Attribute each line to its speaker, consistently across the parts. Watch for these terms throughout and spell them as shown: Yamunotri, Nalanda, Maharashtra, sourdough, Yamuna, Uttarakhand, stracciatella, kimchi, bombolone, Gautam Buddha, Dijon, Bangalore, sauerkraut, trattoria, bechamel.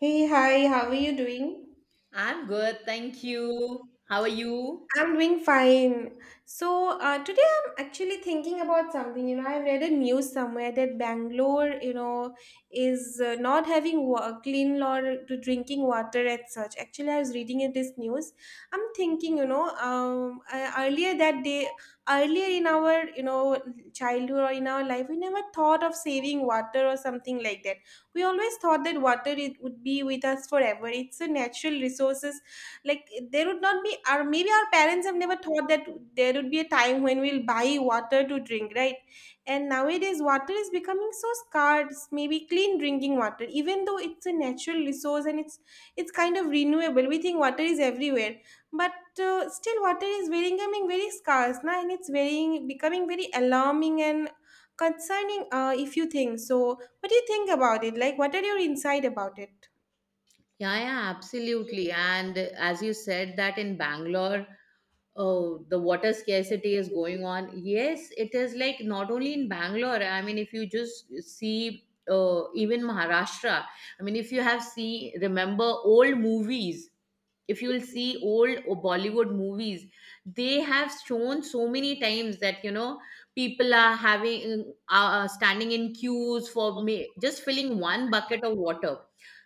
Speaker 1: Hey, hi, how are you doing?
Speaker 2: I'm good, thank you. How are you?
Speaker 1: I'm doing fine. So today I'm actually thinking about something. I read a news somewhere that Bangalore, is not having clean water to drinking water and such. Actually, I was reading it, this news. I'm thinking, I, earlier that day, earlier in our, childhood or in our life, we never thought of saving water or something like that. We always thought that water it would be with us forever. It's a natural resources like there would not be, or maybe our parents have never thought that there would be a time when we'll buy water to drink, right? And nowadays, water is becoming so scarce. Maybe clean drinking water, even though it's a natural resource and it's kind of renewable. We think water is everywhere, but still, water is very becoming very scarce now, and it's very becoming very alarming and concerning. If you think so, what do you think about it? Like, what are your insight about it?
Speaker 2: Yeah, yeah, absolutely. And as you said that in Bangalore, oh, the water scarcity is going on. Yes, it is like not only in Bangalore. I mean, if you just see even Maharashtra, I mean, if you have see remember old movies, if you will see old Bollywood movies, they have shown so many times that you know people are having standing in queues for me just filling one bucket of water.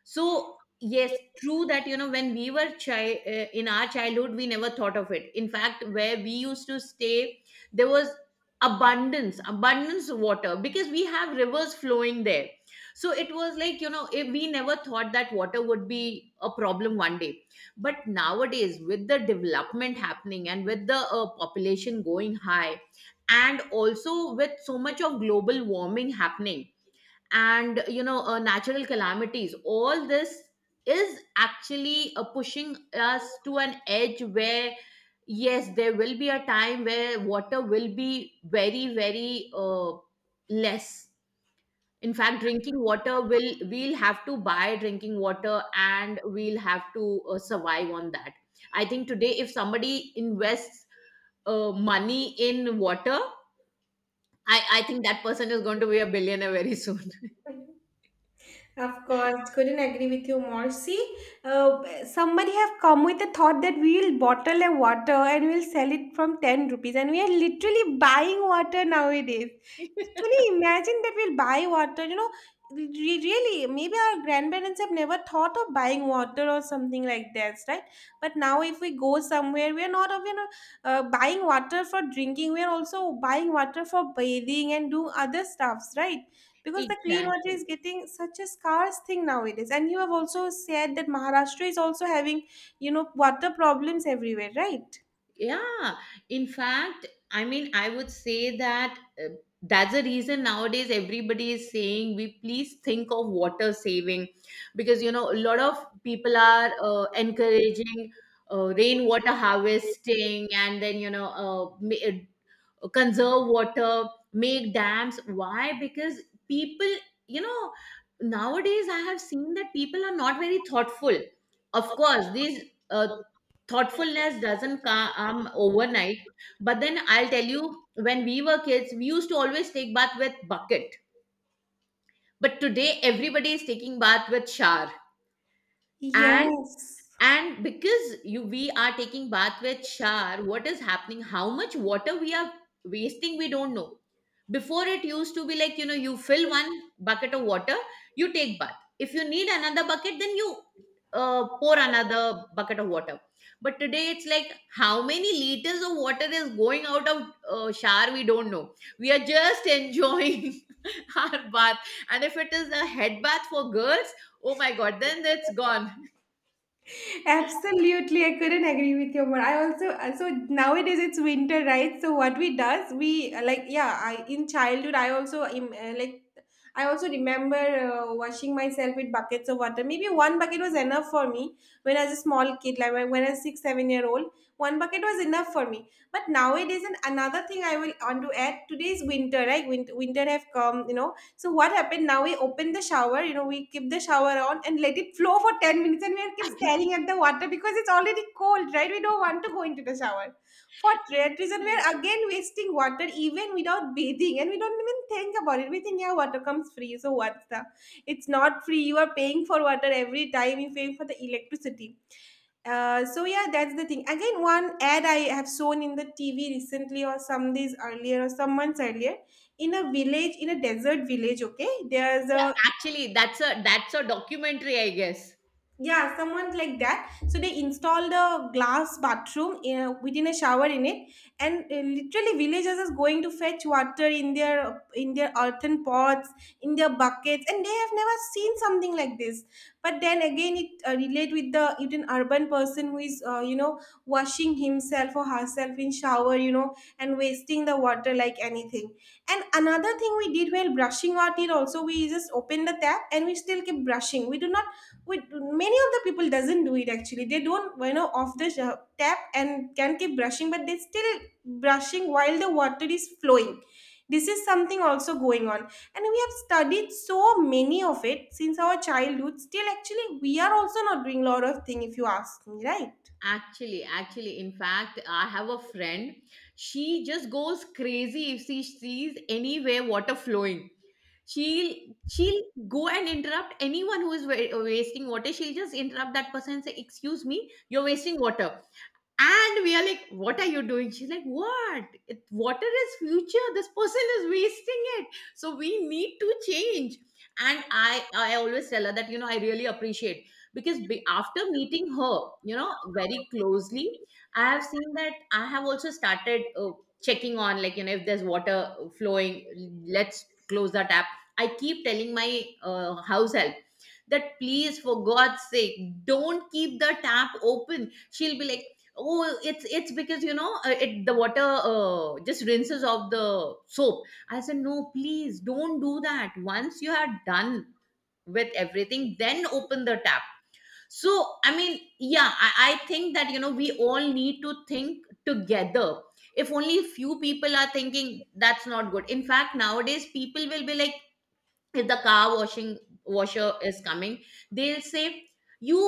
Speaker 2: So yes, true that you know when we were in our childhood, we never thought of it. In fact, where we used to stay, there was abundance of water because we have rivers flowing there. So it was like you know if we never thought that water would be a problem one day. But nowadays, with the development happening and with the population going high, and also with so much of global warming happening and you know natural calamities, all this is actually pushing us to an edge where yes there will be a time where water will be very very less, in fact drinking water will we'll have to buy drinking water and we'll have to survive on that. I think today if somebody invests money in water, I think that person is going to be a billionaire very soon.
Speaker 1: Of course, couldn't agree with you more. See, somebody have come with the thought that we will bottle a water and we'll sell it from 10 rupees and we are literally buying water nowadays. Can you imagine that we'll buy water? Really, maybe our grandparents have never thought of buying water or something like that, right? But now, if we go somewhere, we are not of, buying water for drinking. We are also buying water for bathing and doing other stuffs, right? Because the clean water
Speaker 2: Exactly.
Speaker 1: is getting such a scarce thing nowadays, and you have also said that Maharashtra is also having, water problems everywhere, right?
Speaker 2: Yeah, in fact, I mean, I would say that that's the reason nowadays everybody is saying we please think of water saving because you know a lot of people are encouraging rainwater harvesting, and then you know conserve water, make dams. Why? Because people, you know, nowadays I have seen that people are not very thoughtful. Of course, these uh, thoughtfulness doesn't come overnight. But then I'll tell you, when we were kids, we used to always take bath with bucket. But today, everybody is taking bath with shower. And
Speaker 1: Yes.
Speaker 2: and because you we are taking bath with shower, what is happening, how much water we are wasting, we don't know. Before it used to be like you know you fill one bucket of water, you take bath, if you need another bucket then you pour another bucket of water. But today it's like how many liters of water is going out of shower, we don't know, we are just enjoying our bath. And if it is a head bath for girls, oh my god, then it's gone.
Speaker 1: Absolutely, I couldn't agree with you more. I also so nowadays it's winter, right? So what we does we like yeah. I In childhood I also remember washing myself with buckets of water. Maybe one bucket was enough for me when I was a small kid, like when I was 6-7 year old. One bucket was enough for me. But nowadays, and another thing I will want to add today is winter, right? Winter have come. So what happened now? We open the shower, we keep the shower on and let it flow for 10 minutes and we are keep staring at the water because it's already cold, right? We don't want to go into the shower. For that reason, we are again wasting water even without bathing and we don't even think about it. We think, yeah, water comes free, so what's the it's not free. You are paying for water every time you pay for the electricity. So yeah, that's the thing again. One ad I have shown in the TV recently, or some days earlier, or some months earlier, in a village, in a desert village, okay there's
Speaker 2: Yeah,
Speaker 1: a
Speaker 2: actually, that's a documentary, I guess.
Speaker 1: Yeah, someone like that. So they installed a glass bathroom within a shower in it, and literally villagers is going to fetch water in their earthen pots, in their buckets, and they have never seen something like this. But then again, it relate with the with an urban person who is washing himself or herself in shower, and wasting the water like anything. And another thing we did while brushing our teeth also, we just open the tap and we still keep brushing. We do not. Wait, many of the people doesn't do it actually. They don't, off the tap and can keep brushing, but they still brushing while the water is flowing. This is something also going on, and we have studied so many of it since our childhood. Still, actually, we are also not doing a lot of thing if you ask me, right?
Speaker 2: Actually, in fact, I have a friend. She just goes crazy if she sees anywhere water flowing. She'll she'll go and interrupt anyone who is wasting water. She'll just interrupt that person and say, "Excuse me, you're wasting water." And we are like, what are you doing? She's like, what? It, water is future. This person is wasting it. So we need to change. And I always tell her that, you know, I really appreciate because after meeting her, you know, very closely, I have seen that I have also started checking on, like, you know, if there's water flowing, let's close the tap. I keep telling my house help that please, for God's sake, don't keep the tap open. She'll be like, oh, it's because you know it the water just rinses off the soap. I said no, please don't do that. Once you are done with everything, then open the tap. So I mean, yeah, I think that you know we all need to think together. If only few people are thinking, that's not good. In fact, nowadays people will be like, if the car washing washer is coming, they'll say, you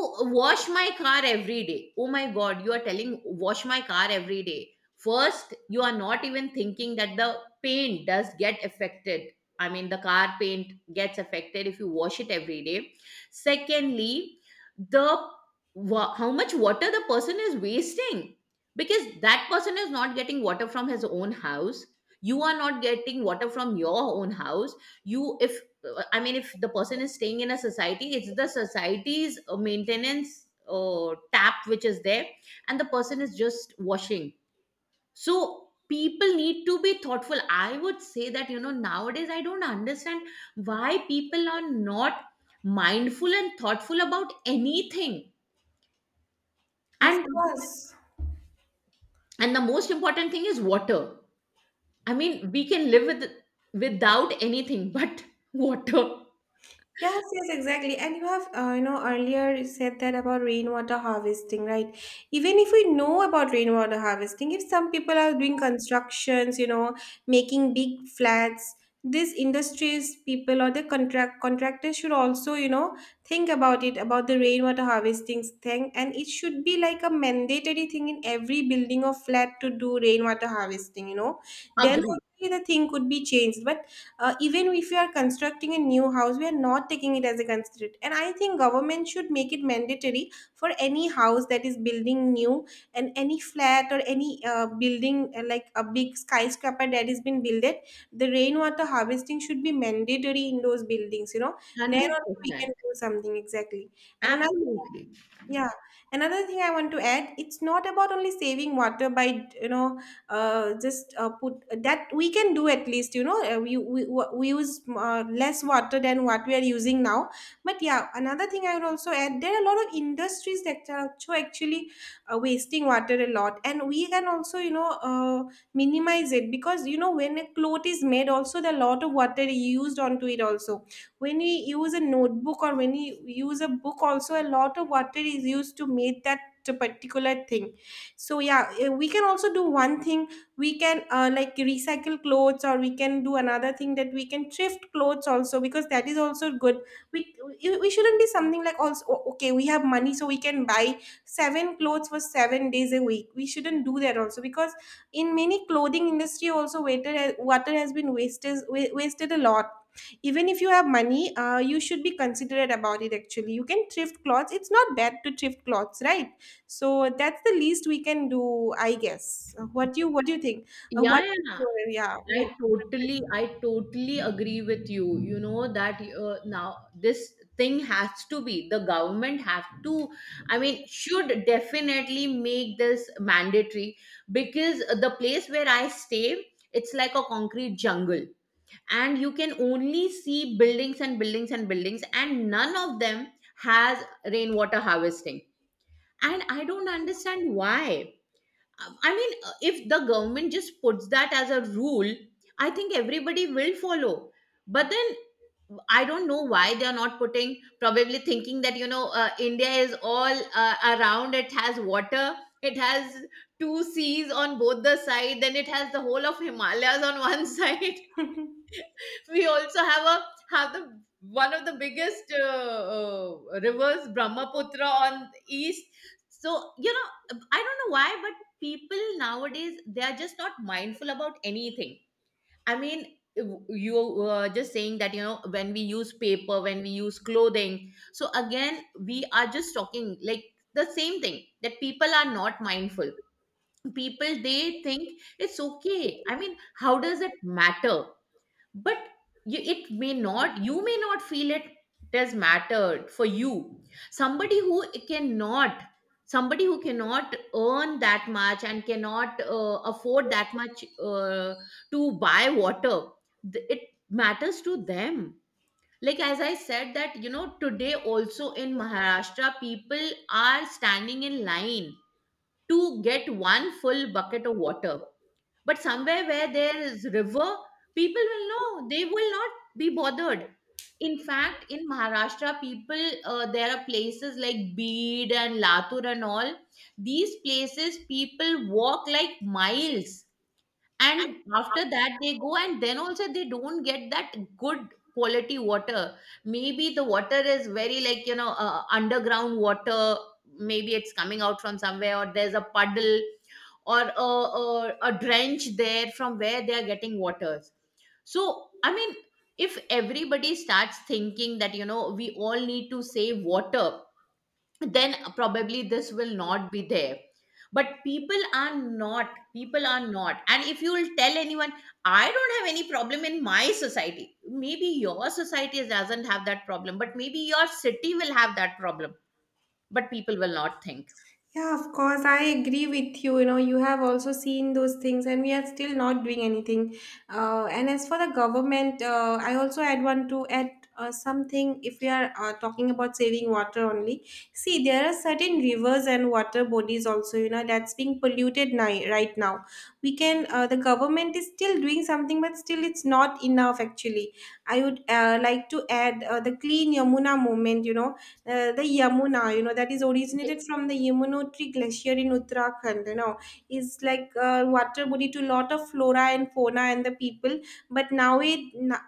Speaker 2: wash my car every day. Oh my god, you are telling wash my car every day. First you are not even thinking that the paint does get affected. I mean the car paint gets affected if you wash it every day. Secondly, the how much water the person is wasting, because that person is not getting water from his own house, you are not getting water from your own house. You if I mean, if the person is staying in a society, it's the society's maintenance tap which is there, and the person is just washing. So people need to be thoughtful. I would say that you know nowadays I don't understand why people are not mindful and thoughtful about anything.
Speaker 1: Of
Speaker 2: And
Speaker 1: course.
Speaker 2: and the most important thing is water. I mean, we can live with without anything but water.
Speaker 1: Yes, yes, exactly. And you have, earlier you said that about rainwater harvesting, right? Even if we know about rainwater harvesting, if some people are doing constructions, making big flats, these industries people or the contractors should also, think about it, about the rainwater harvesting thing. And it should be like a mandatory thing in every building or flat to do rainwater harvesting. Then
Speaker 2: Agree,
Speaker 1: only the thing could be changed. But even if we are constructing a new house, we are not taking it as a considerate, and I think government should make it mandatory for any house that is building new, and any flat or any building, like a big skyscraper, that has been built, the rainwater harvesting should be mandatory in those buildings.
Speaker 2: one
Speaker 1: Then
Speaker 2: hundred
Speaker 1: only we
Speaker 2: percent,
Speaker 1: can do something, exactly. and another
Speaker 2: absolutely.
Speaker 1: Yeah. Another thing I want to add, it's not about only saving water by, just put that we can do at least, we use less water than what we are using now. But yeah, another thing I would also add, there are a lot of industries that are actually wasting water a lot. And we can also, minimize it because, when a cloth is made, also the lot of water used onto it also, when we use a notebook or when we use a book, also a lot of water is used to make that particular thing. So yeah, we can also do one thing. We can like recycle clothes, or we can do another thing, that we can thrift clothes also, because that is also good. We we we shouldn't be something like also, "Oh, okay, we have money so we can buy seven clothes for 7 days a week." We shouldn't do that also, because in many clothing industry also water has been wasted wasted a lot. Even if you have money, you should be considerate about it. Actually, you can thrift clothes, it's not bad to thrift clothes, right? So that's the least we can do, I guess. What do you think?
Speaker 2: Yeah,
Speaker 1: What
Speaker 2: yeah,
Speaker 1: is
Speaker 2: yeah.
Speaker 1: your, yeah,
Speaker 2: I totally, I totally agree with you. You know that now this thing has to be the government have to. I mean, should definitely make this mandatory because the place where I stay, it's like a concrete jungle, and you can only see buildings and buildings and buildings, and none of them has rainwater harvesting. And I don't understand why. I mean, if the government just puts that as a rule, I think everybody will follow. But then I don't know why they are not putting, probably thinking that, you know, India is all around, it has water, it has two seas on both the side, then it has the whole of Himalayas on one side.
Speaker 1: preference?
Speaker 2: We also have the one of the biggest rivers Brahmaputra on east. So you know I don't know why, but people nowadays they are just not mindful about anything. I mean, you were just saying that you know when we use paper, when we use clothing, so again we are just talking like the same thing, that people are not mindful. People they think it's okay. I mean, how does it matter? But you, it may not, you may not feel it, does mattered for you, somebody who cannot, somebody who cannot earn that much and cannot afford that much to buy water, it matters to them. Like as I said that you know today also in Maharashtra people are standing in line to get one full bucket of water. But somewhere where there is river, people will know. They will not be bothered. In fact, in Maharashtra, people there are places like Bid and Latur and all. These places people walk like miles, and after that they go and then also they don't get that good quality water. Maybe the water is very like you know underground water, maybe it's coming out from somewhere, or there's a puddle, or a drench there from where they are getting waters. So I mean, if everybody starts thinking that you know we all need to save water, then probably this will not be there. But people are not. And if you will tell anyone, I don't have any problem in my society, maybe your society doesn't have that problem, but maybe your city will have that problem. But people will not think.
Speaker 1: Yeah, of course. I agree with you. You know, you have also seen those things, and we are still not doing anything. And as for the government, I also add one to add something. If we are talking about saving water only, see, there are certain rivers and water bodies also. That's being polluted right now. We can. The government is still doing something, but still, it's not enough. Actually, I would like to add the Clean Yamuna movement. The Yamuna, that is originated from the Yamunotri Glacier in Uttarakhand, is like a water body to lot of flora and fauna and the people. But now it,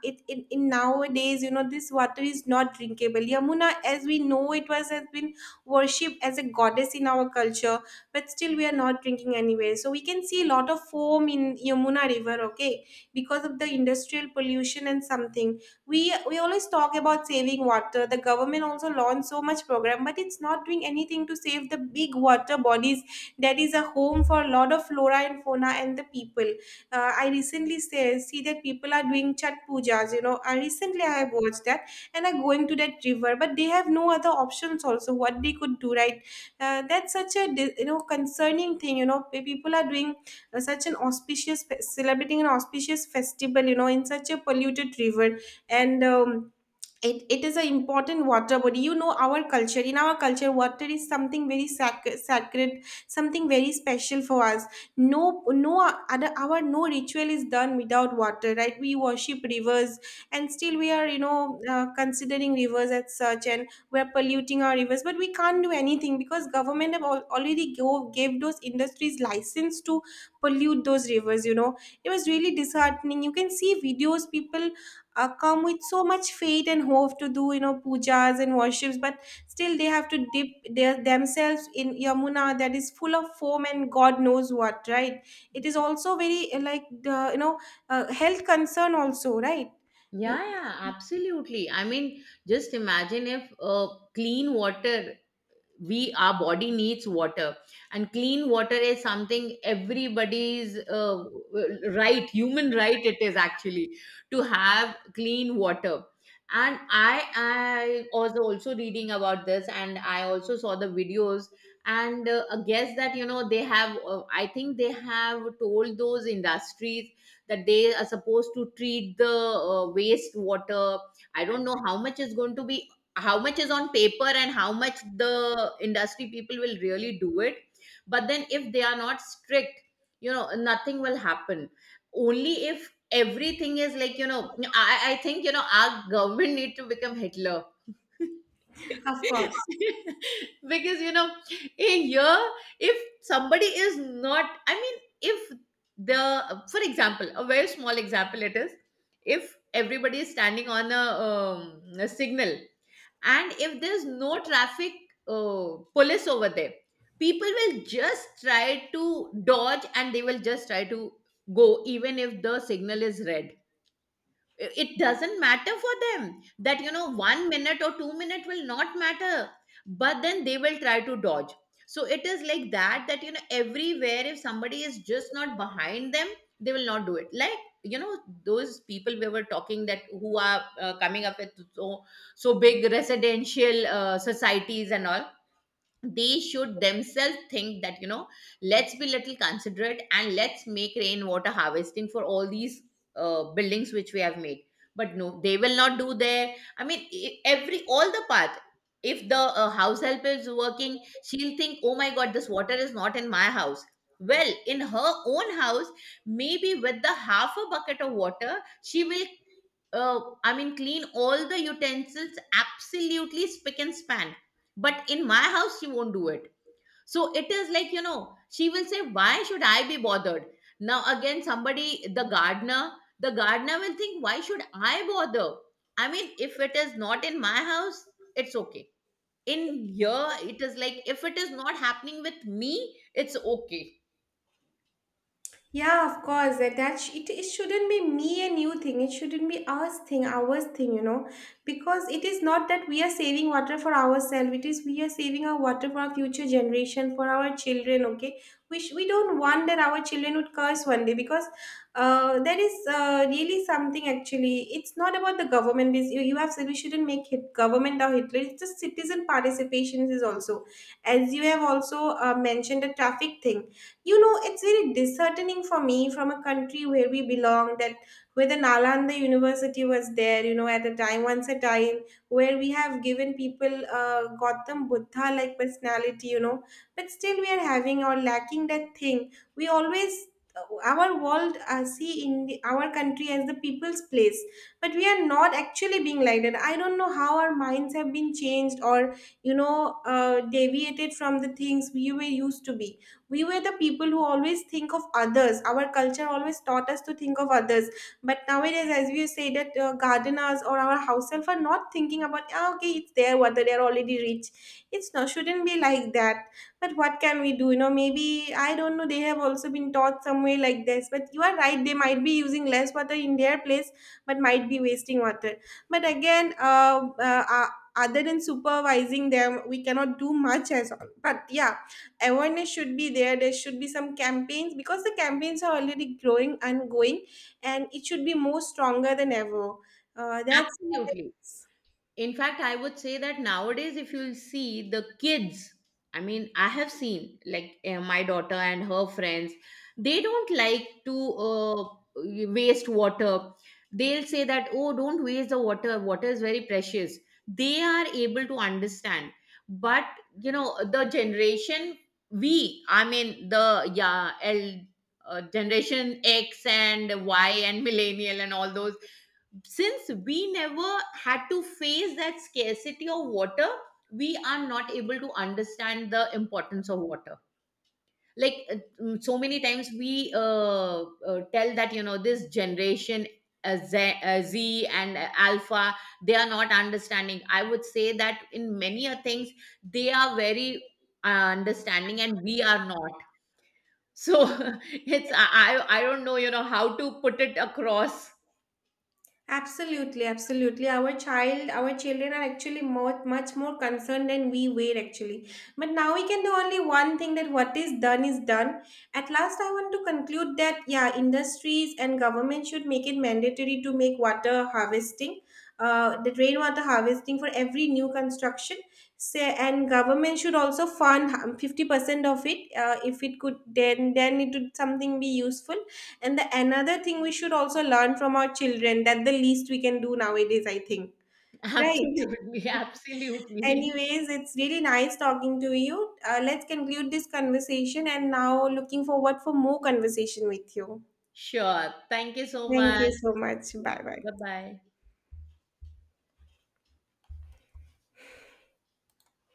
Speaker 1: it, it in nowadays, this water is not drinkable. Yamuna, as we know, it was has been worshipped as a goddess in our culture, but still we are not drinking anywhere. So we can see a lot of foam in Yamuna River, okay, because of the industrial pollution and something. We always talk about saving water. The government also launched so much program, but it's not doing anything to save the big water bodies that is a home for a lot of flora and fauna and the people. I recently see that people are doing Chat Pujas. I have watched that, and are going to that river, but they have no other options also, what they could do, right? That's such a concerning thing. People are doing such an auspicious fe- celebrating an auspicious festival in such a polluted river. And it is an important water body. You know our culture In our culture, water is something very sacred, something very special for us. No, no, other our no ritual is done without water, right? We worship rivers, and still we are, considering rivers as such, and we're polluting our rivers, but we can't do anything because government have already gave those industries license to pollute those rivers. It was really disheartening. You can see videos. People come with so much faith and hope to do, pujas and worships, but still they have to dip their themselves in Yamuna that is full of foam and God knows what, right? It is also very like the health concern also, right?
Speaker 2: Yeah, yeah, absolutely. I mean, just imagine if clean water, we our body needs water, and clean water is something everybody's right, human right it is actually, to have clean water. And I was also reading about this, and I also saw the videos. And I guess that you know they have I think they have told those industries that they are supposed to treat the waste water. I don't know how much is going to be, how much is on paper and how much the industry people will really do it. But then if they are not strict, you know nothing will happen. Only if everything is like you know I think you know our government need to become Hitler.
Speaker 1: Of course.
Speaker 2: Because you know, in here, if somebody is not, I mean, if the, for example a very small example it is, if everybody is standing on a signal, and if there's no traffic uh, police over there, people will just try to dodge, and they will just try to go even if the signal is red. I- it doesn't matter for them that you know 1 minute or 2 minute will not matter, but then they will try to dodge. So it is like that, that you know everywhere if somebody is just not behind them, they will not do it. Like you know those people we were talking, that who are coming up with so big residential societies and all, they should themselves think that you know let's be little considerate, and let's make rainwater harvesting for all these buildings which we have made. But no, they will not do their. I mean, e- every all the path, if the house help is working, she'll think oh my god this water is not in my house. Well in her own house, maybe with the half a bucket of water, she will I mean, clean all the utensils absolutely spick and span. But in my house, she won't do it. So it is like, you know, she will say, why should I be bothered? Now, again, somebody, the gardener will think, why should I bother? I mean, if it is not in my house, it's okay. In here, it is like, if it is not happening with me, it's okay.
Speaker 1: Yeah, of course. It shouldn't be me and you thing. It shouldn't be us thing, ours thing. Because it is not that we are saving water for ourselves. It is we are saving our water for our future generation, for our children, okay? We don't want that our children would curse one day, because that is really something actually. It's not about the government. You have said we shouldn't make hit government or Hitler. It's just citizen participation is also. As you have also mentioned, the traffic thing, it's very disheartening for me, from a country where we belong, that where the Nalanda University was there, at a time, once a time, where we have given people Gautam Buddha like personality, but still we are having or lacking that thing. We always our world see in our country as the people's place, but we are not actually being like that. I don't know how our minds have been changed, or, deviated from the things we were used to be. We were the people who always think of others. Our culture always taught us to think of others, but nowadays, as we say, that gardeners or our house help are not thinking about, "Ah, okay, it's there water. They're already rich." It's not, shouldn't be like that. But what can we do, maybe, I don't know, they have also been taught somewhere like this, but you are right, they might be using less water in their place, but might be wasting water. But again, other than supervising them we cannot do much as all. But yeah, awareness should be there, there should be some campaigns, because the campaigns are already growing and going, and it should be more stronger than ever. That's
Speaker 2: Absolutely. In fact, I would say that nowadays, if you'll see the kids, I mean, I have seen like my daughter and her friends, they don't like to waste water. They'll say that, oh, don't waste the water. Water is very precious. They are able to understand. But, you know, the generation, we, I mean, the yeah, L, generation X and Y and millennial and all those, since we never had to face that scarcity of water, we are not able to understand the importance of water. Like so many times we tell that you know this generation Z, Z and alpha, they are not understanding. I would say that in many a things they are very understanding and we are not. So it's I don't know you know how to put it across.
Speaker 1: Absolutely, absolutely. Our children are actually much more concerned than we were actually. But now we can do only one thing, that what is done is done. At last, I want to conclude that, yeah, industries and government should make it mandatory to make water harvesting, the rainwater harvesting for every new construction. Say, and government should also fund 50% of it. If it could, then it would something be useful, and the another thing we should also learn from our children, that the least we can do nowadays, I think. Right.
Speaker 2: Absolutely, absolutely.
Speaker 1: Anyways, it's really nice talking to you. Let's conclude this conversation and now looking forward for more conversation with you.
Speaker 2: Sure. Thank you so
Speaker 1: Thank
Speaker 2: much.
Speaker 1: you so much.
Speaker 2: Yeah.
Speaker 1: Bye bye.
Speaker 2: Bye bye.